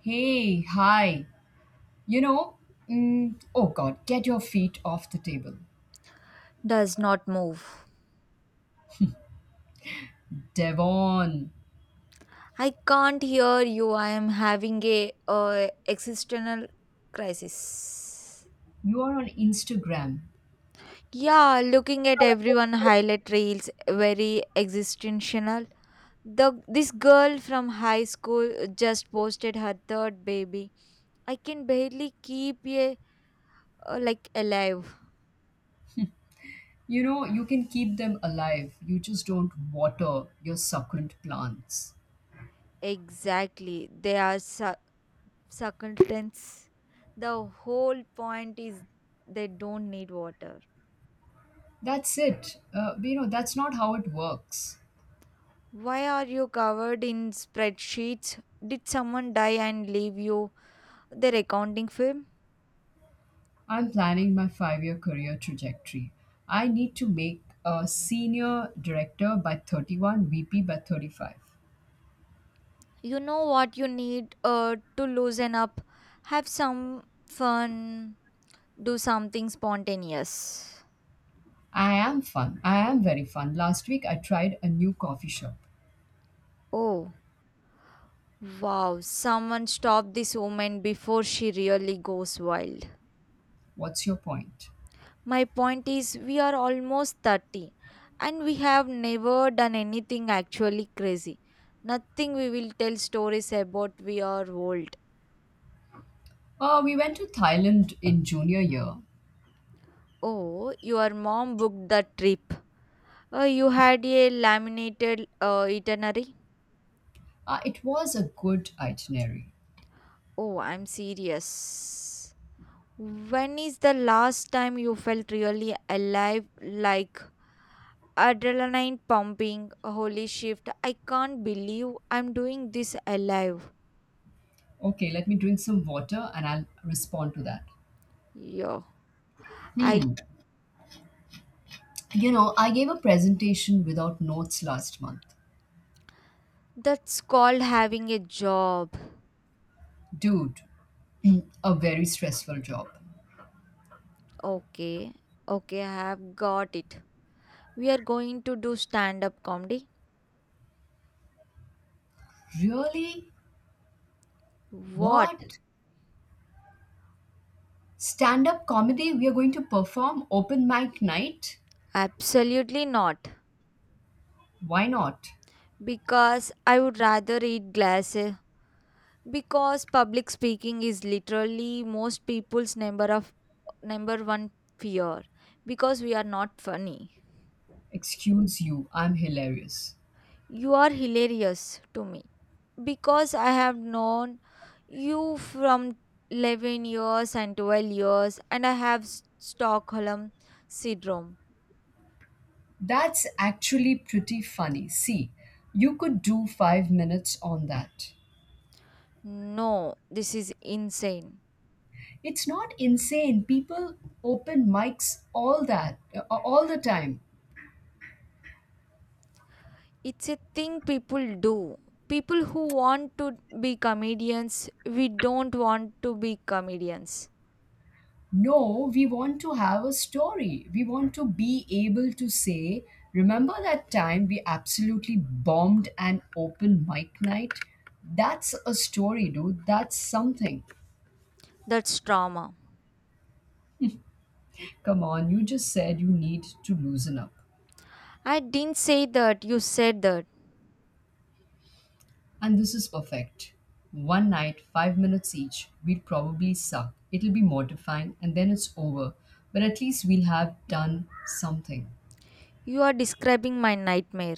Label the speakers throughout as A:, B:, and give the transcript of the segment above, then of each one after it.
A: Hey, hi. You know, oh God, get your feet off the table.
B: Does not move.
A: Devon,
B: I can't hear you. I am having a existential crisis.
A: you are on Instagram.
B: Yeah, looking at everyone highlight reels, very existential. The this girl from high school just posted her third baby. I can barely keep a like alive.
A: You know, you can keep them alive. You just don't water your succulent plants.
B: Exactly, they are succulents. The whole point is they don't need water.
A: That's it. You know, that's not how it works.
B: Why are you covered in spreadsheets? Did someone die and leave you their accounting firm?
A: I'm planning my 5 year career trajectory. I need to make a senior director by 31, VP by 35.
B: You know what you need to loosen up, have some fun, do something spontaneous.
A: I am fun. I am very fun. Last week I tried a new coffee shop.
B: Oh, wow, someone stop this woman before she really goes wild.
A: What's your point?
B: My point is, we are almost 30 and we have never done anything actually crazy. Nothing we will tell stories about we are old.
A: We went to Thailand in junior year.
B: Oh, your mom booked the trip. You had a laminated itinerary?
A: It was a good itinerary.
B: Oh, I'm serious. When is the last time you felt really alive, like adrenaline pumping? Holy shift, I can't believe I'm doing this alive.
A: Okay, let me drink some water and I'll respond to that.
B: Yo, I
A: Hmm. You know, I gave a presentation without notes last month.
B: that's called having a job.
A: Dude, a very stressful job.
B: Okay, okay, I have got it. We are going to do stand up comedy.
A: Really?
B: What?
A: What? Stand up comedy? We are going to perform open mic night?
B: Absolutely not.
A: Why not?
B: Because I would rather eat glass. Because public speaking is literally most people's number one fear. Because we are not funny.
A: Excuse you, I'm hilarious.
B: You are hilarious to me. Because I have known you from 11 years and 12 years and I have Stockholm syndrome.
A: That's actually pretty funny. See, you could do 5 minutes on that.
B: No, this is insane.
A: It's not insane. People open mics all the time.
B: It's a thing people do, people who want to be comedians. We don't want to be comedians.
A: No, we want to have a story. We want to be able to say, remember that time we absolutely bombed an open mic night? That's a story, dude. That's something.
B: That's trauma.
A: Come on, you just said you need to loosen up.
B: I didn't say that. You said that.
A: And this is perfect. One night, 5 minutes each, we'd probably suck. It'll be mortifying, and then it's over. But at least we'll have done something.
B: You are describing my nightmare.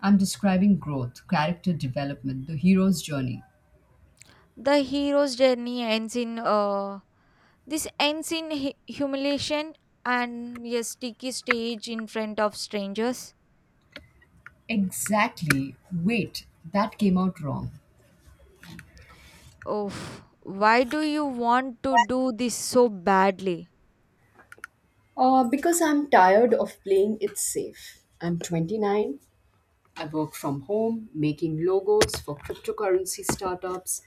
A: I'm describing growth, character development, the hero's journey.
B: The hero's journey ends in This ends in humiliation and a sticky stage in front of strangers.
A: Exactly. Wait, that came out wrong.
B: Oh, why do you want to do this so badly?
A: Because I'm tired of playing it safe. I'm 29. I work from home, making logos for cryptocurrency startups,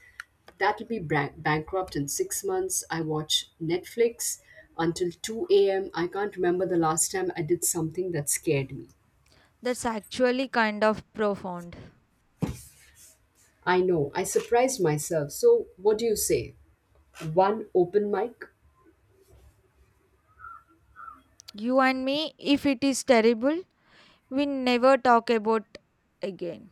A: that'll be bankrupt in 6 months. I watch Netflix until 2 a.m. I can't remember the last time I did something that scared me.
B: That's actually kind of profound.
A: I know, I surprised myself. So, what do you say? One open mic?
B: You and me, if it is terrible, we never talk about again.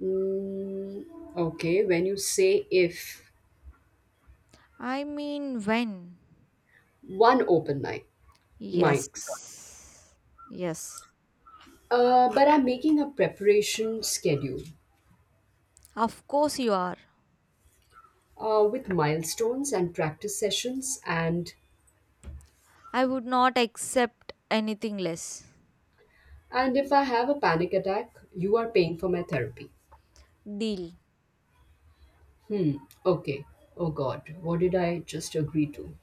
A: Mm, okay, when you say if
B: I mean, when?
A: one open mic, mics.
B: Yes. Yes.
A: But I'm making a preparation schedule
B: Of course you are.
A: with milestones and practice sessions,
B: I would not accept anything less.
A: and if I have a panic attack, you are paying for my therapy.
B: Deal.
A: Hmm, okay. Oh God, what did I just agree to?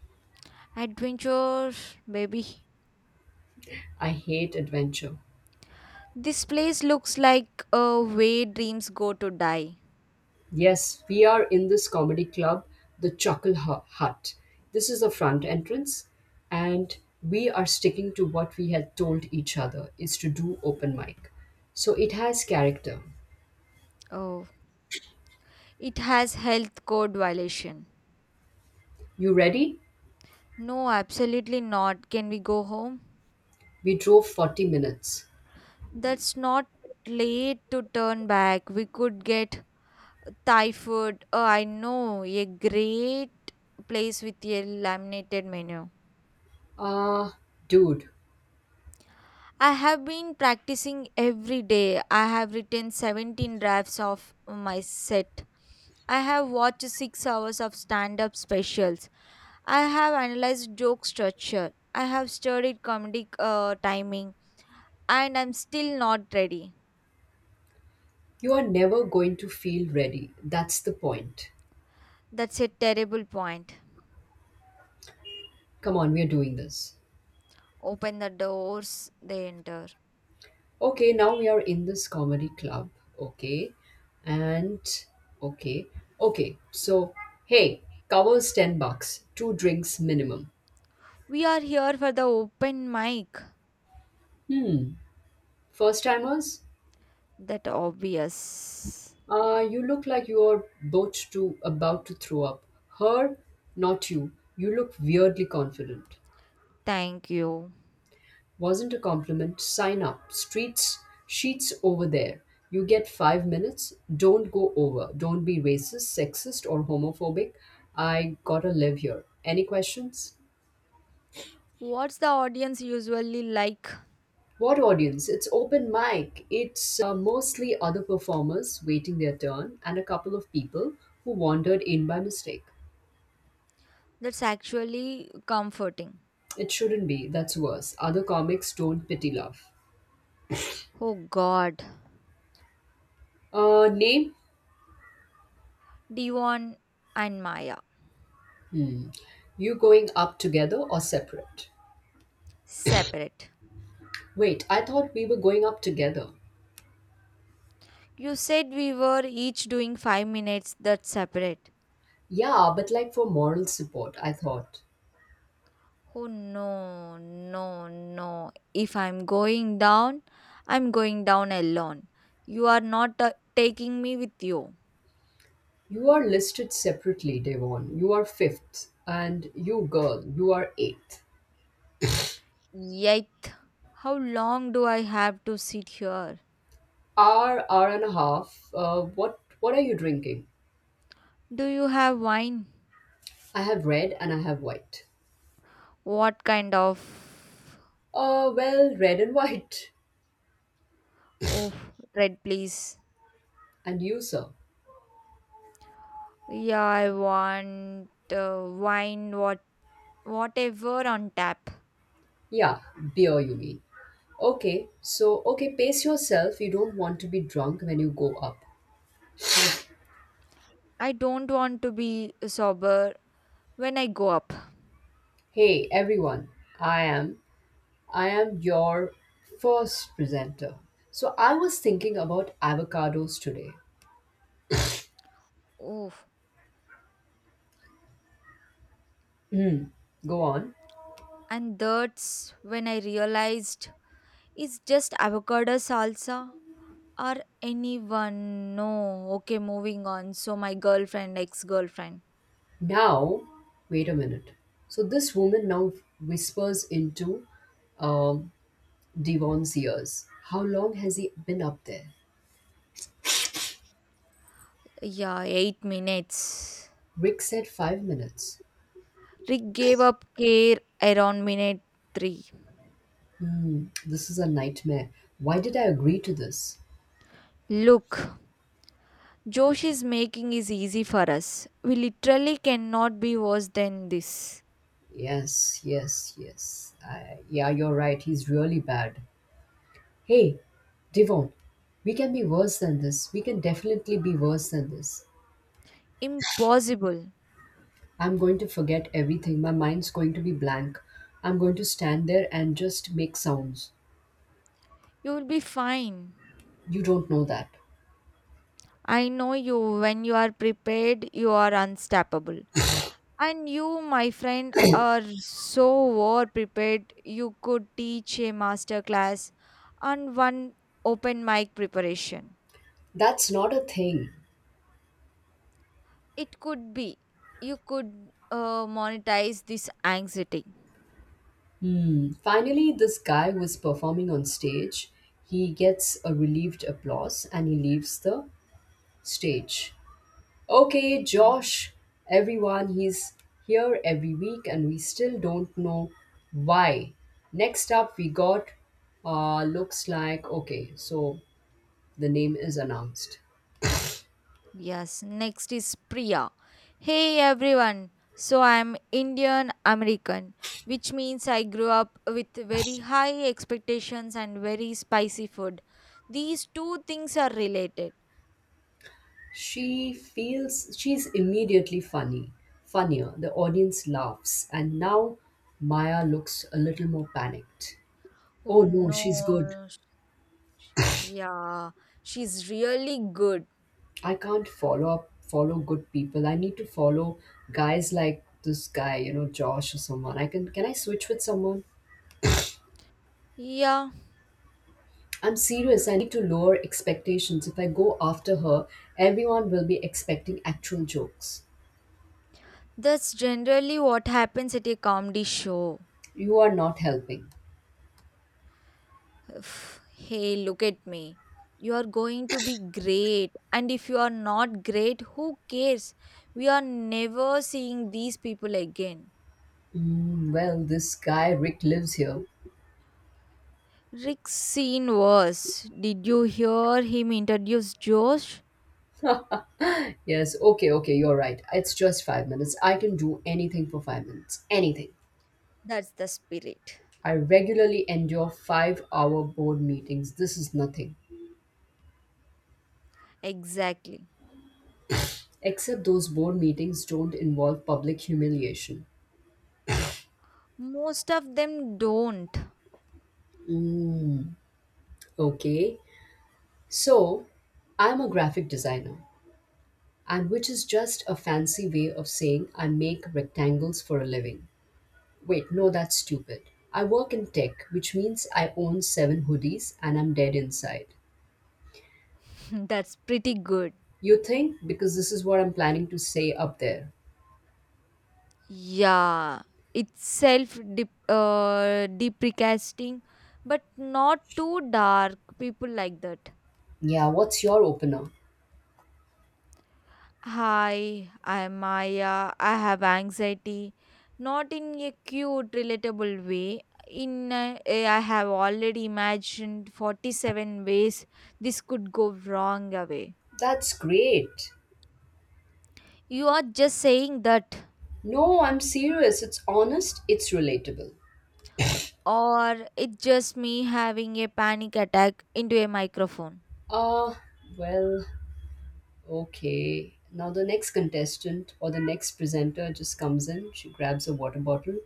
B: Adventure, baby.
A: I hate adventure.
B: This place looks like a way dreams go to die.
A: Yes, we are in this comedy club, the Hut. This is the front entrance, and we are sticking to what we had told each other is to do open mic. So it has character.
B: Oh, it has health code violation.
A: You ready?
B: No, absolutely not. Can we go home?
A: We drove 40 minutes.
B: That's not late to turn back. We could get Thai food. Oh, I know a great place with a laminated menu.
A: Ah, dude,
B: I have been practicing every day. I have written 17 drafts of my set. I have watched 6 hours of stand up specials. I have analyzed joke structure. I have studied comedic timing. And I'm still not ready.
A: you are never going to feel ready. That's the point.
B: That's a terrible point.
A: Come on, we are doing this.
B: Open the doors, they enter.
A: Okay, now we are in this comedy club. Okay. And okay. Okay. So, hey, covers 10 bucks, two drinks minimum.
B: We are here for the open mic.
A: Hmm. First timers,
B: That obvious.
A: you look like you're both to about to throw up. Her, not you. You look weirdly confident.
B: Thank you.
A: Wasn't a compliment. Sign up. Streets sheets over there. You get 5 minutes. Don't go over. Don't be racist, sexist, or homophobic. I gotta live here. Any questions?
B: What's the audience usually like?
A: What audience? It's open mic. It's mostly other performers waiting their turn and a couple of people who wandered in by mistake.
B: That's actually comforting.
A: It shouldn't be. That's worse. Other comics don't pity love.
B: Oh god.
A: Name?
B: Devon and Maya.
A: You going up together or separate?
B: Separate.
A: Wait, I thought we were going up together.
B: You said we were each doing 5 minutes. That's separate.
A: Yeah, but like for moral support, I thought
B: Oh no, no, no. If I'm going down, I'm going down alone. You are not taking me with you.
A: you are listed separately, Devon. You are fifth, and you girl, you are eighth.
B: Yet, how long do I have to sit here?
A: Hour, hour and a half. What are you drinking?
B: Do you have wine?
A: I have red and I have white.
B: What kind of.
A: Well, red and white.
B: Oh, red, please.
A: And you, sir?
B: Yeah, I want uh, wine, what, whatever on tap.
A: Yeah, beer, you mean. Okay, so okay, pace yourself. You don't want to be drunk when you go up.
B: I don't want to be sober when I go up.
A: Hey, everyone, I am. I am your first presenter. So I was thinking about avocados today.
B: Oh,
A: Hmm, go on.
B: and that's when I realized it's just avocado salsa or anyone. No, okay, moving on. So, my girlfriend, ex girlfriend.
A: Now, wait a minute. So this woman now whispers into um, Devon's ears. How long has he been up there?
B: Yeah, 8 minutes.
A: Rick said 5 minutes.
B: Rick gave up care around minute 3.
A: Hmm, this is a nightmare. Why did I agree to this?
B: Look, Josh is making is easy for us. We literally cannot be worse than this.
A: Yes, yes, yes. I, yeah, you're right. He's really bad. Hey, Devon, we can be worse than this. We can definitely be worse than this.
B: Impossible.
A: I'm going to forget everything. My mind's going to be blank. I'm going to stand there and just make sounds.
B: You will be fine.
A: You don't know that.
B: I know you. When you are prepared, you are unstoppable. And you, my friend, are so well prepared. You could teach a master class and one open mic preparation.
A: That's not a thing.
B: It could be. You could monetize this anxiety.
A: Hmm. Finally, this guy who is performing on stage, he gets a relieved applause and he leaves the stage. Okay,
B: Mm.
A: Josh, everyone, he's here every week and we still don't know why. Next up, we got looks like okay, so the name is announced.
B: Yes. Next is Priya. Hey everyone. So I'm Indian American, which means I grew up with very high expectations and very spicy food. These two things are related.
A: She feels she's funnier. The audience laughs, and now Maya looks a little more panicked. Oh
B: Oh
A: no, she's good.
B: no. sh- Yeah. She's really good.
A: I can't follow good people. I need to follow guys like this guy, you know, Josh or someone. I can I switch with someone?
B: Yeah.
A: I'm serious. I need to lower expectations. If I go after her, everyone will be expecting actual jokes.
B: That's generally what happens at a comedy show.
A: You are not helping.
B: Hey, look at me. You are going to be great. And if you are not great, who cares? We are never seeing these people again.
A: Mm, well, this guy Rick lives here.
B: Rick's scene was. Did you hear him introduce Josh?
A: Yes, okay, okay, you're right. It's just 5 minutes. I can do anything for 5 minutes. Anything.
B: That's the spirit.
A: I regularly endure 5 hour board meetings. This is nothing.
B: Exactly.
A: Except those board meetings don't involve public humiliation.
B: Most of them don't.
A: Mm, okay. So, I'm a graphic designer, and which is just a fancy way of saying I make rectangles for a living. Wait, no, that's stupid. I work in tech, which means I own seven hoodies and I'm dead inside.
B: That's pretty good.
A: You think? Because this is what I'm planning to say up there.
B: Yeah, it's self deprecating, but not too dark. People like that.
A: Yeah, what's your opener?
B: Hi, I'm Maya. I have anxiety, not in a cute, relatable way. In a, I have already imagined 47 ways this could go wrong away.
A: That's great.
B: You are just saying that,
A: No, I'm serious. It's honest, it's relatable.
B: or it's just me having a panic attack into a microphone.
A: Uh, well, okay. Now the next contestant or the next presenter just comes in, she grabs a water bottle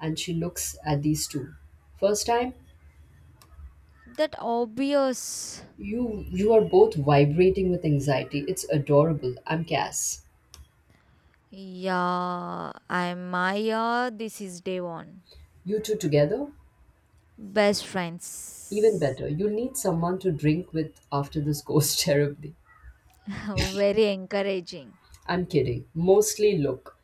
A: and she looks at these two. First time,
B: That obvious.
A: you are both vibrating with anxiety. It's adorable. I'm Cass.
B: Yeah, I'm Maya. This is day one.
A: You two together?
B: Best
A: Even
B: friends.
A: better. You'll need someone to drink with after this goes terribly.
B: Very encouraging.
A: I'm kidding. Mostly look.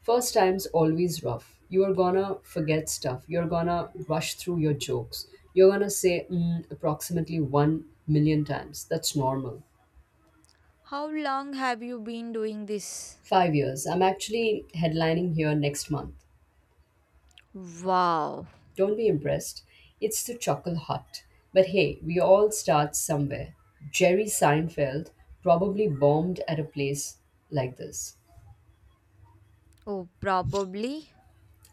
A: First time's always rough. You're gonna forget stuff. You're gonna rush through your jokes. You're gonna say mm, approximately 1 million times. That's normal.
B: How long have you been doing this?
A: 5 years. I'm actually headlining here next month.
B: Wow.
A: Don't be impressed. It's the Chuckle Hut. But hey, we all start somewhere. Jerry Seinfeld probably bombed at a place like this.
B: Oh, probably.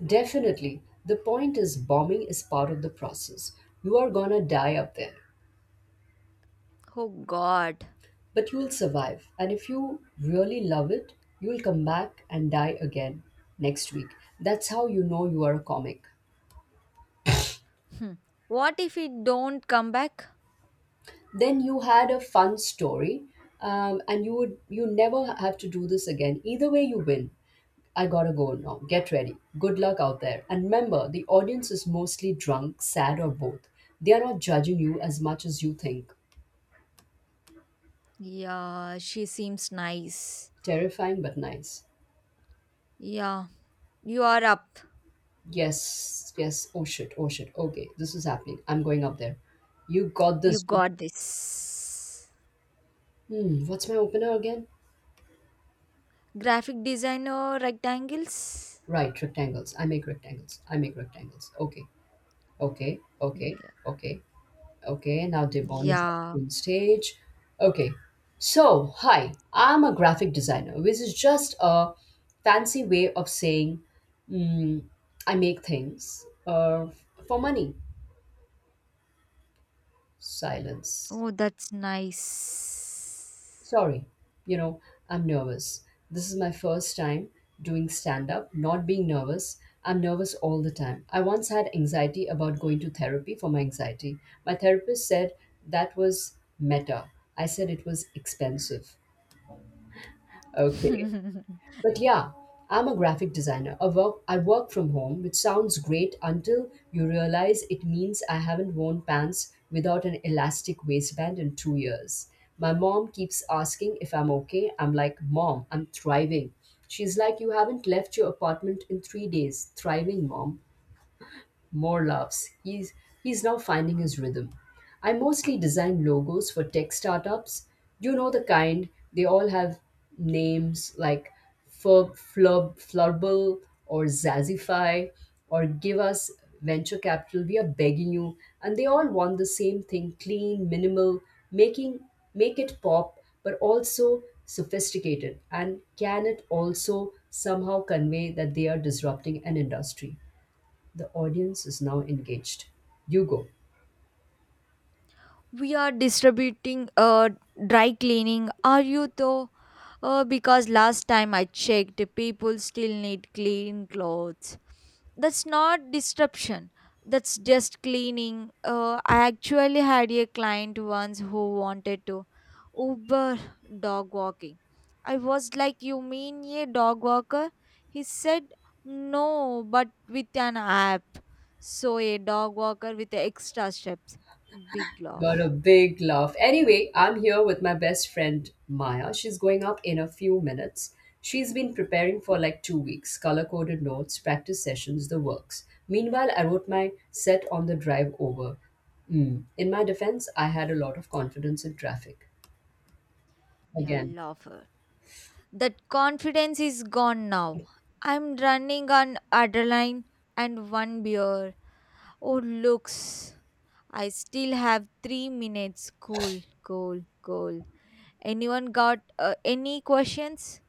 A: Definitely. The point is, bombing is part of the process. You are gonna die up there.
B: Oh, God.
A: But you'll survive. And if you really love it, you'll come back and die again next week. That's how you know you are a comic.
B: Hmm. What if it don't come back?
A: Then you had a fun story, and you never have to do this again. Either way, you win. I gotta go now. Get ready. Good luck out there. And remember, the audience is mostly drunk, sad, or both. They are not judging you as much as you think.
B: Yeah, she seems nice.
A: Terrifying but nice.
B: Yeah, you are up.
A: Yes, yes. Oh shit, oh shit. Okay, this is happening. I'm going up there. You got
B: You
A: this, dude.
B: got this.
A: What's my opener again?
B: Graphic designer rectangles?
A: Right, rectangles. I make rectangles. I make rectangles. Okay, okay, okay,
B: Yeah.
A: okay, okay. Now Devon is
B: Yeah.
A: on stage. Okay, so hi, I'm a graphic designer, which is just a fancy way of saying mm, I make things for money. Silence.
B: Oh, that's nice.
A: Sorry, you know, I'm nervous. This is my first time doing stand up, not being nervous. I'm nervous all the time. I once had anxiety about going to therapy for my anxiety. My therapist said that was meta. I said it was expensive. Okay. But yeah, I'm a graphic designer. I work from home, which sounds great until you realize it means I haven't worn pants without an elastic waistband in 2 years. My mom keeps asking if I'm okay. I'm like, Mom, I'm thriving. She's like, You haven't left your apartment in 3 days. Thriving, Mom more laughs. He's now finding his rhythm. I mostly design logos for tech startups. You know the kind. They all have names like Furb, Flurb, Flurble or Zazify or give us venture capital. We are begging you. And they all want the same thing: clean, minimal, making make it pop, but also sophisticated. And can it also somehow convey that they are disrupting an industry? The audience is now engaged. You go.
B: We are distributing dry cleaning. Are you though? Oh, because last time I checked, people still need clean clothes. That's not disruption. That's just cleaning. I actually had a client once who wanted to Uber dog walking. I was like, you mean a dog walker? He said, no, but with an app. So a dog walker with extra steps. Big
A: Got a
B: laugh.
A: big laugh. Anyway, I'm here with my best friend Maya. She's going up in a few minutes. She's been preparing for like 2 weeks color coded notes, practice sessions, the works. Meanwhile, I wrote my set on the drive over. Mm. In my defense, I had a lot of confidence in traffic.
B: Yeah,
A: Again,
B: laugh. That confidence is gone now. I'm running on adrenaline and one beer. Oh, looks. I still have 3 minutes. Cool, cool, cool. Anyone got any questions?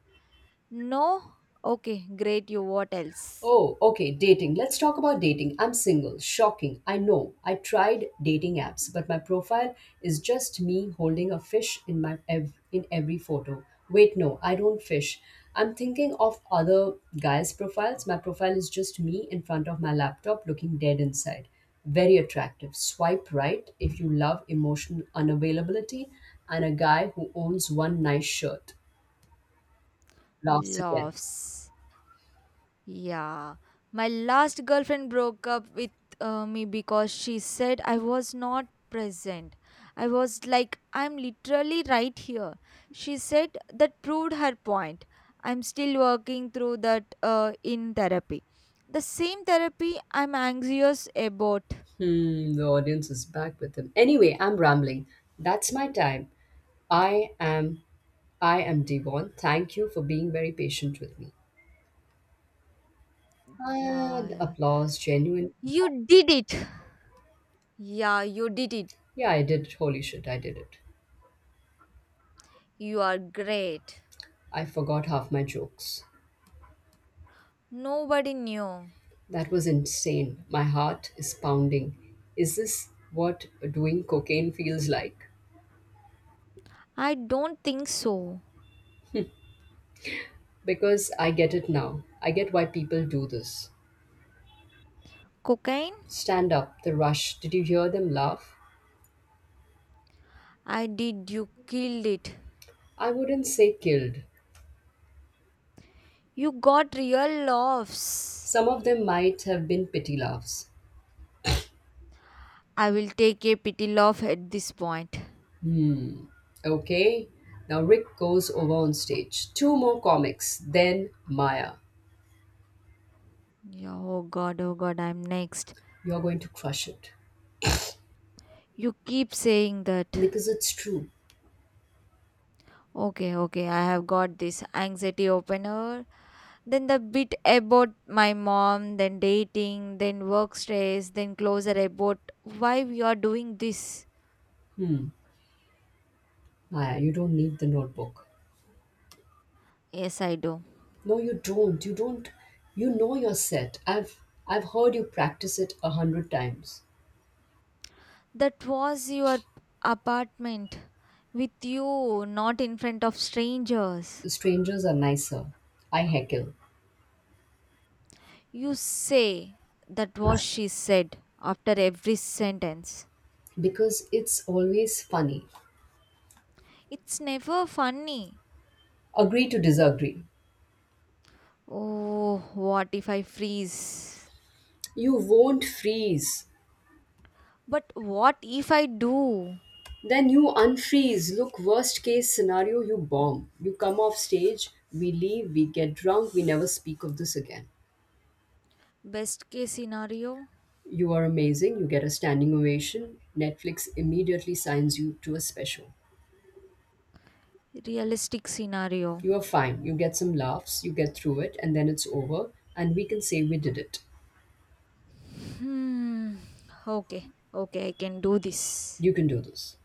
B: No? Okay, great. You what else?
A: oh, okay, dating. Let's talk about dating. I'm single. Shocking. I know. I tried dating apps, but my profile is just me holding a fish in in every photo. Wait, no, I don't fish. I'm thinking of other guys' profiles. My profile is just me in front of my laptop looking dead inside. Very attractive. Swipe right if you love emotional unavailability and a guy who owns one nice shirt. Laughs again.
B: Laughs. Yeah, my last girlfriend broke up with me because she said I was not present. I was like, I'm literally right here. She said that proved her point. I'm still working through that in therapy. The same therapy I'm anxious about.
A: Hmm, the audience is back with him. Anyway, I'm rambling. That's my time. I am I am Devon. Thank you for being very patient with me.
B: Yeah,
A: And
B: yeah.
A: applause, genuine.
B: You did it. Yeah, you did it.
A: Yeah, I did it. Holy shit, I did it.
B: You are great.
A: I forgot half my jokes.
B: Nobody knew.
A: That was insane. My heart is pounding. Is this what doing cocaine feels like?
B: I don't think so.
A: Because I get it now. I get why people do this.
B: Cocaine?
A: Stand up, the rush. Did you hear them laugh?
B: I did, you killed it.
A: I wouldn't say killed.
B: You got real laughs.
A: Some of them might have been pity laughs.
B: I will take a pity laugh at this point.
A: Hmm. Okay. Now Rick goes over on stage. Two more comics, then Maya.
B: Yeah, oh god, I'm next.
A: You're going to crush it.
B: You keep saying that.
A: Because it's true.
B: Okay, okay, I have got this anxiety opener. Then the bit about my mom, then dating, then work stress, then closer about why we are doing this.
A: Hmm. Maya, you don't need the notebook.
B: Yes, I do.
A: No, you don't. You don't. You know your set. I've heard you practice it 100 times.
B: That was your apartment with you, not in front of strangers.
A: The strangers are nicer. I heckle
B: You say that was she said after every sentence.
A: because it's always funny.
B: It's never funny.
A: Agree to disagree.
B: Oh, what if I freeze?
A: You won't freeze.
B: But what if I do?
A: Then you unfreeze. Look, worst case scenario, you bomb. You come off stage, we leave, we get drunk, we never speak of this again.
B: Best case scenario,
A: You are amazing. You get a standing ovation. Netflix immediately signs you to a special.
B: realistic scenario.
A: You are fine. You get some laughs, you get through it, and then it's over, and we can say we did it.
B: Hmm. Okay, okay, I can do this.
A: You can do this.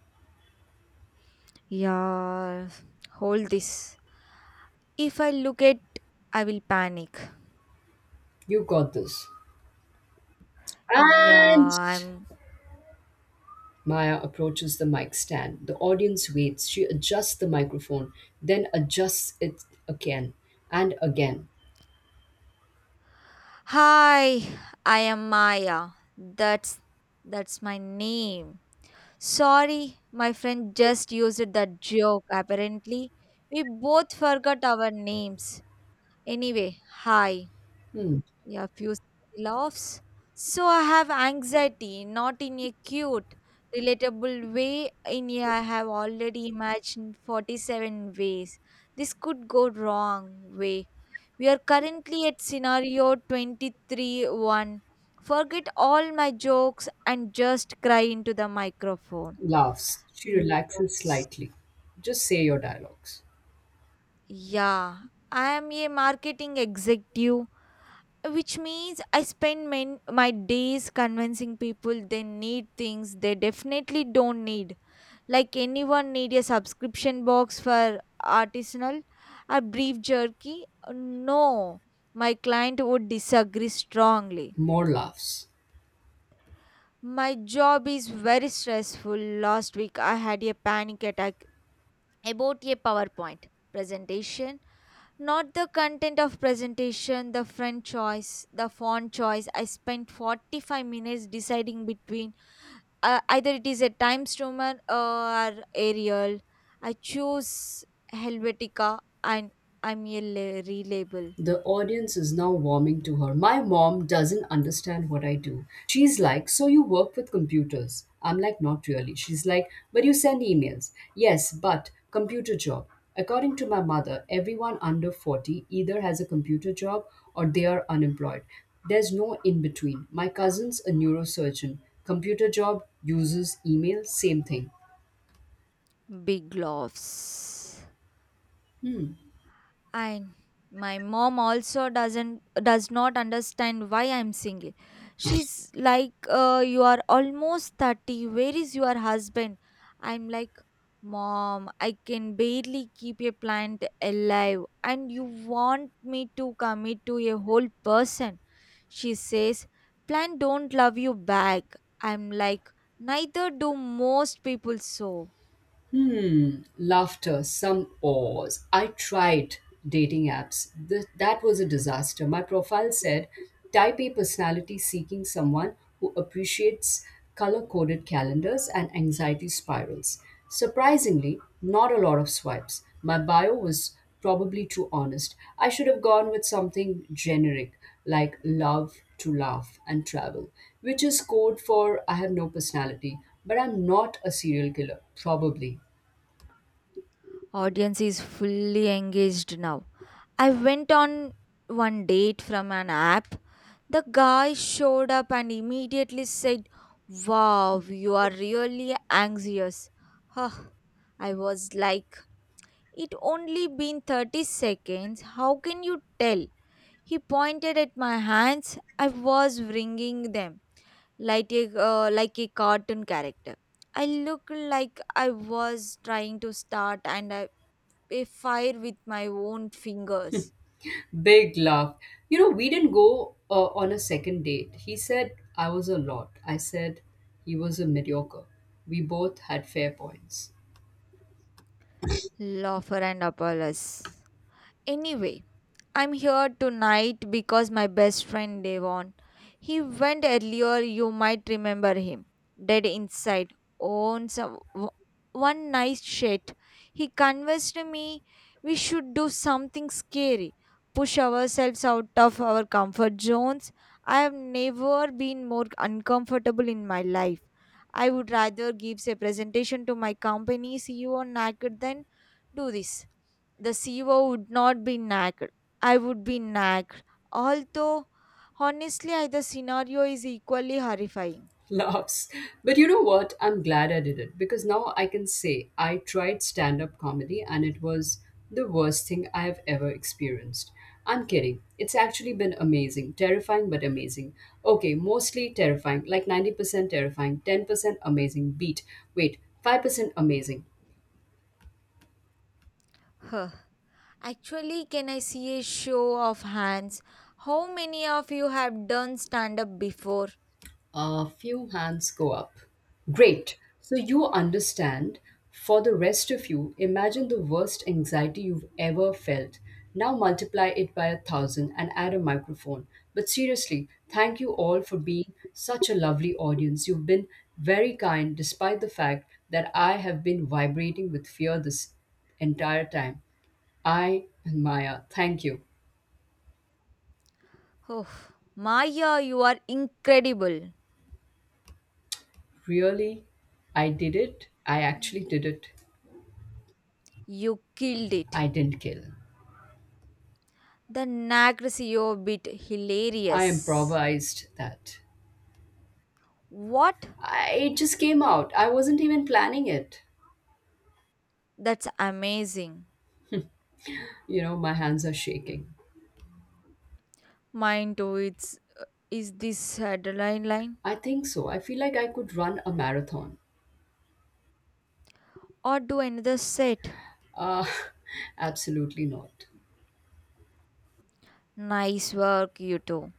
B: Yeah, hold this. If I look at, I will panic.
A: You got this.
B: Yeah,
A: And
B: I'm.
A: Maya approaches the mic stand. The audience waits. She adjusts the microphone, then adjusts it again and again.
B: Hi, I am Maya. That's that's my name. Sorry, my friend just used that joke. Apparently, we both forgot our names. Anyway, hi.
A: Hmm.
B: Yeah, few laughs. So I have anxiety, not in a cute, relatable way. In a I have already imagined 47 ways this could go wrong way. We are currently at scenario 23-1. Forget all my jokes and just cry into the microphone.
A: Laughs. She relaxes
B: Loves.
A: slightly. Just say your dialogues.
B: Yeah, I am a marketing executive, which means I spend my days convincing people they need things they definitely don't need. Like anyone need a subscription box for artisanal, a beef jerky? No, my client would disagree strongly.
A: More laughs.
B: My job is very stressful. Last week I had a panic attack about a PowerPoint presentation. Not the content of presentation, the font choice, the font choice. I spent 45 minutes deciding between either it is a Times Roman or Arial. I chose Helvetica and I'm a reliable.
A: The audience is now warming to her. My mom doesn't understand what I do. She's like, so you work with computers? I'm like, not really. She's like, but you send emails. Yes, but computer job. According to my mother, everyone under 40 either has a computer job or they are unemployed. There's no in between. My cousin's a neurosurgeon. Computer job, uses email, same thing.
B: Big laughs. And my mom also does not understand why I'm single. She's like you are almost 30, where is your husband? I'm like, mom, I can barely keep a plant alive and you want me to commit to a whole person. She says plant don't love you back. I'm like, neither do most people, so.
A: Hmm, laughter, some pause. I tried dating apps. That was a disaster. My profile said type A personality seeking someone who appreciates color coded calendars and anxiety spirals. Surprisingly, not a lot of swipes. My bio was probably too honest. I should have gone with something generic like love to laugh and travel, which is code for I have no personality, but I'm not a serial killer, probably.
B: Audience is fully engaged now. I went on one date from an app. The guy showed up and immediately said, wow, you are really anxious. Huh. I was like, it only been 30 seconds. How can you tell? He pointed at my hands. I was wringing them like a cartoon character. I looked like I was trying to start a fire with my own fingers.
A: Big laugh. You know, we didn't go on a second date. He said I was a lot. I said he was a mediocre. We both had fair points.
B: Loafer and Apollos. Anyway, I'm here tonight because my best friend Devon. He went earlier, you might remember him. Dead inside, owns one nice shit. He convinced me we should do something scary, push ourselves out of our comfort zones. I have never been more uncomfortable in my life. I would rather give a presentation to my company CEO naked than do this the CEO would not be nagged. I would be nagged. Although, honestly, the scenario is equally horrifying.
A: Laughs. But you know what? I'm glad I did it because now I can say I tried stand up comedy and it was the worst thing I have ever experienced. I'm kidding. It's actually been amazing. Terrifying, but amazing. Okay, mostly terrifying, like 90% terrifying, 10% amazing. Beat. Wait, 5% amazing.
B: Huh. Actually, can I see a show of hands? How many of you have done stand up before?
A: A few hands go up. Great. So you understand. For the rest of you, imagine the worst anxiety you've ever felt. Now multiply it by a thousand and add a microphone. But seriously, thank you all for being such a lovely audience. You've been very kind despite the fact that I have been vibrating with fear this entire time. I and Maya, thank you.
B: Oh, Maya, you are incredible.
A: Really? I did it. I actually
B: Y-
A: did it.
B: You killed it.
A: I didn't kill.
B: The nag CEO bit
A: I
B: hilarious.
A: improvised that.
B: What?
A: I, it just came out. I wasn't even planning it.
B: That's amazing.
A: You know, my hands are shaking.
B: Mine too. It's Is this a deadline line?
A: I think so. I feel like I could run a marathon.
B: Or do another set?
A: Uh, absolutely not.
B: Nice work, you two.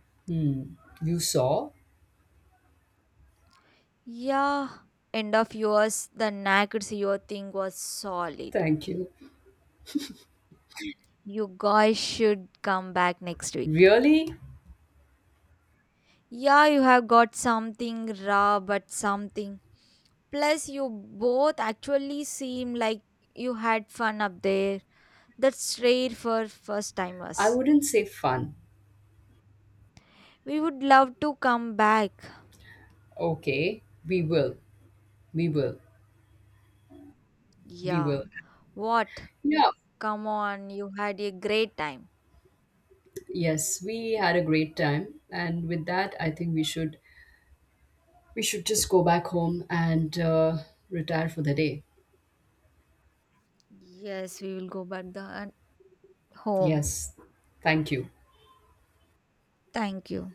A: You saw?
B: Yeah, end of yours, the naked CEO thing was solid.
A: Thank you.
B: You guys should come back next week.
A: Really?
B: Yeah, you have got something raw, but something. Plus, you both actually seem like you had fun up there. That's rare for first
A: I
B: timers.
A: wouldn't say fun.
B: We would love to come back.
A: Okay, we will. We will. We
B: Yeah.
A: will.
B: What?
A: Yeah.
B: Come on, you had a great time.
A: Yes, we had a great time, and with that, I think we should just go back home and retire for the day.
B: Yes, we will go back the home.
A: Yes. Thank you.
B: Thank you.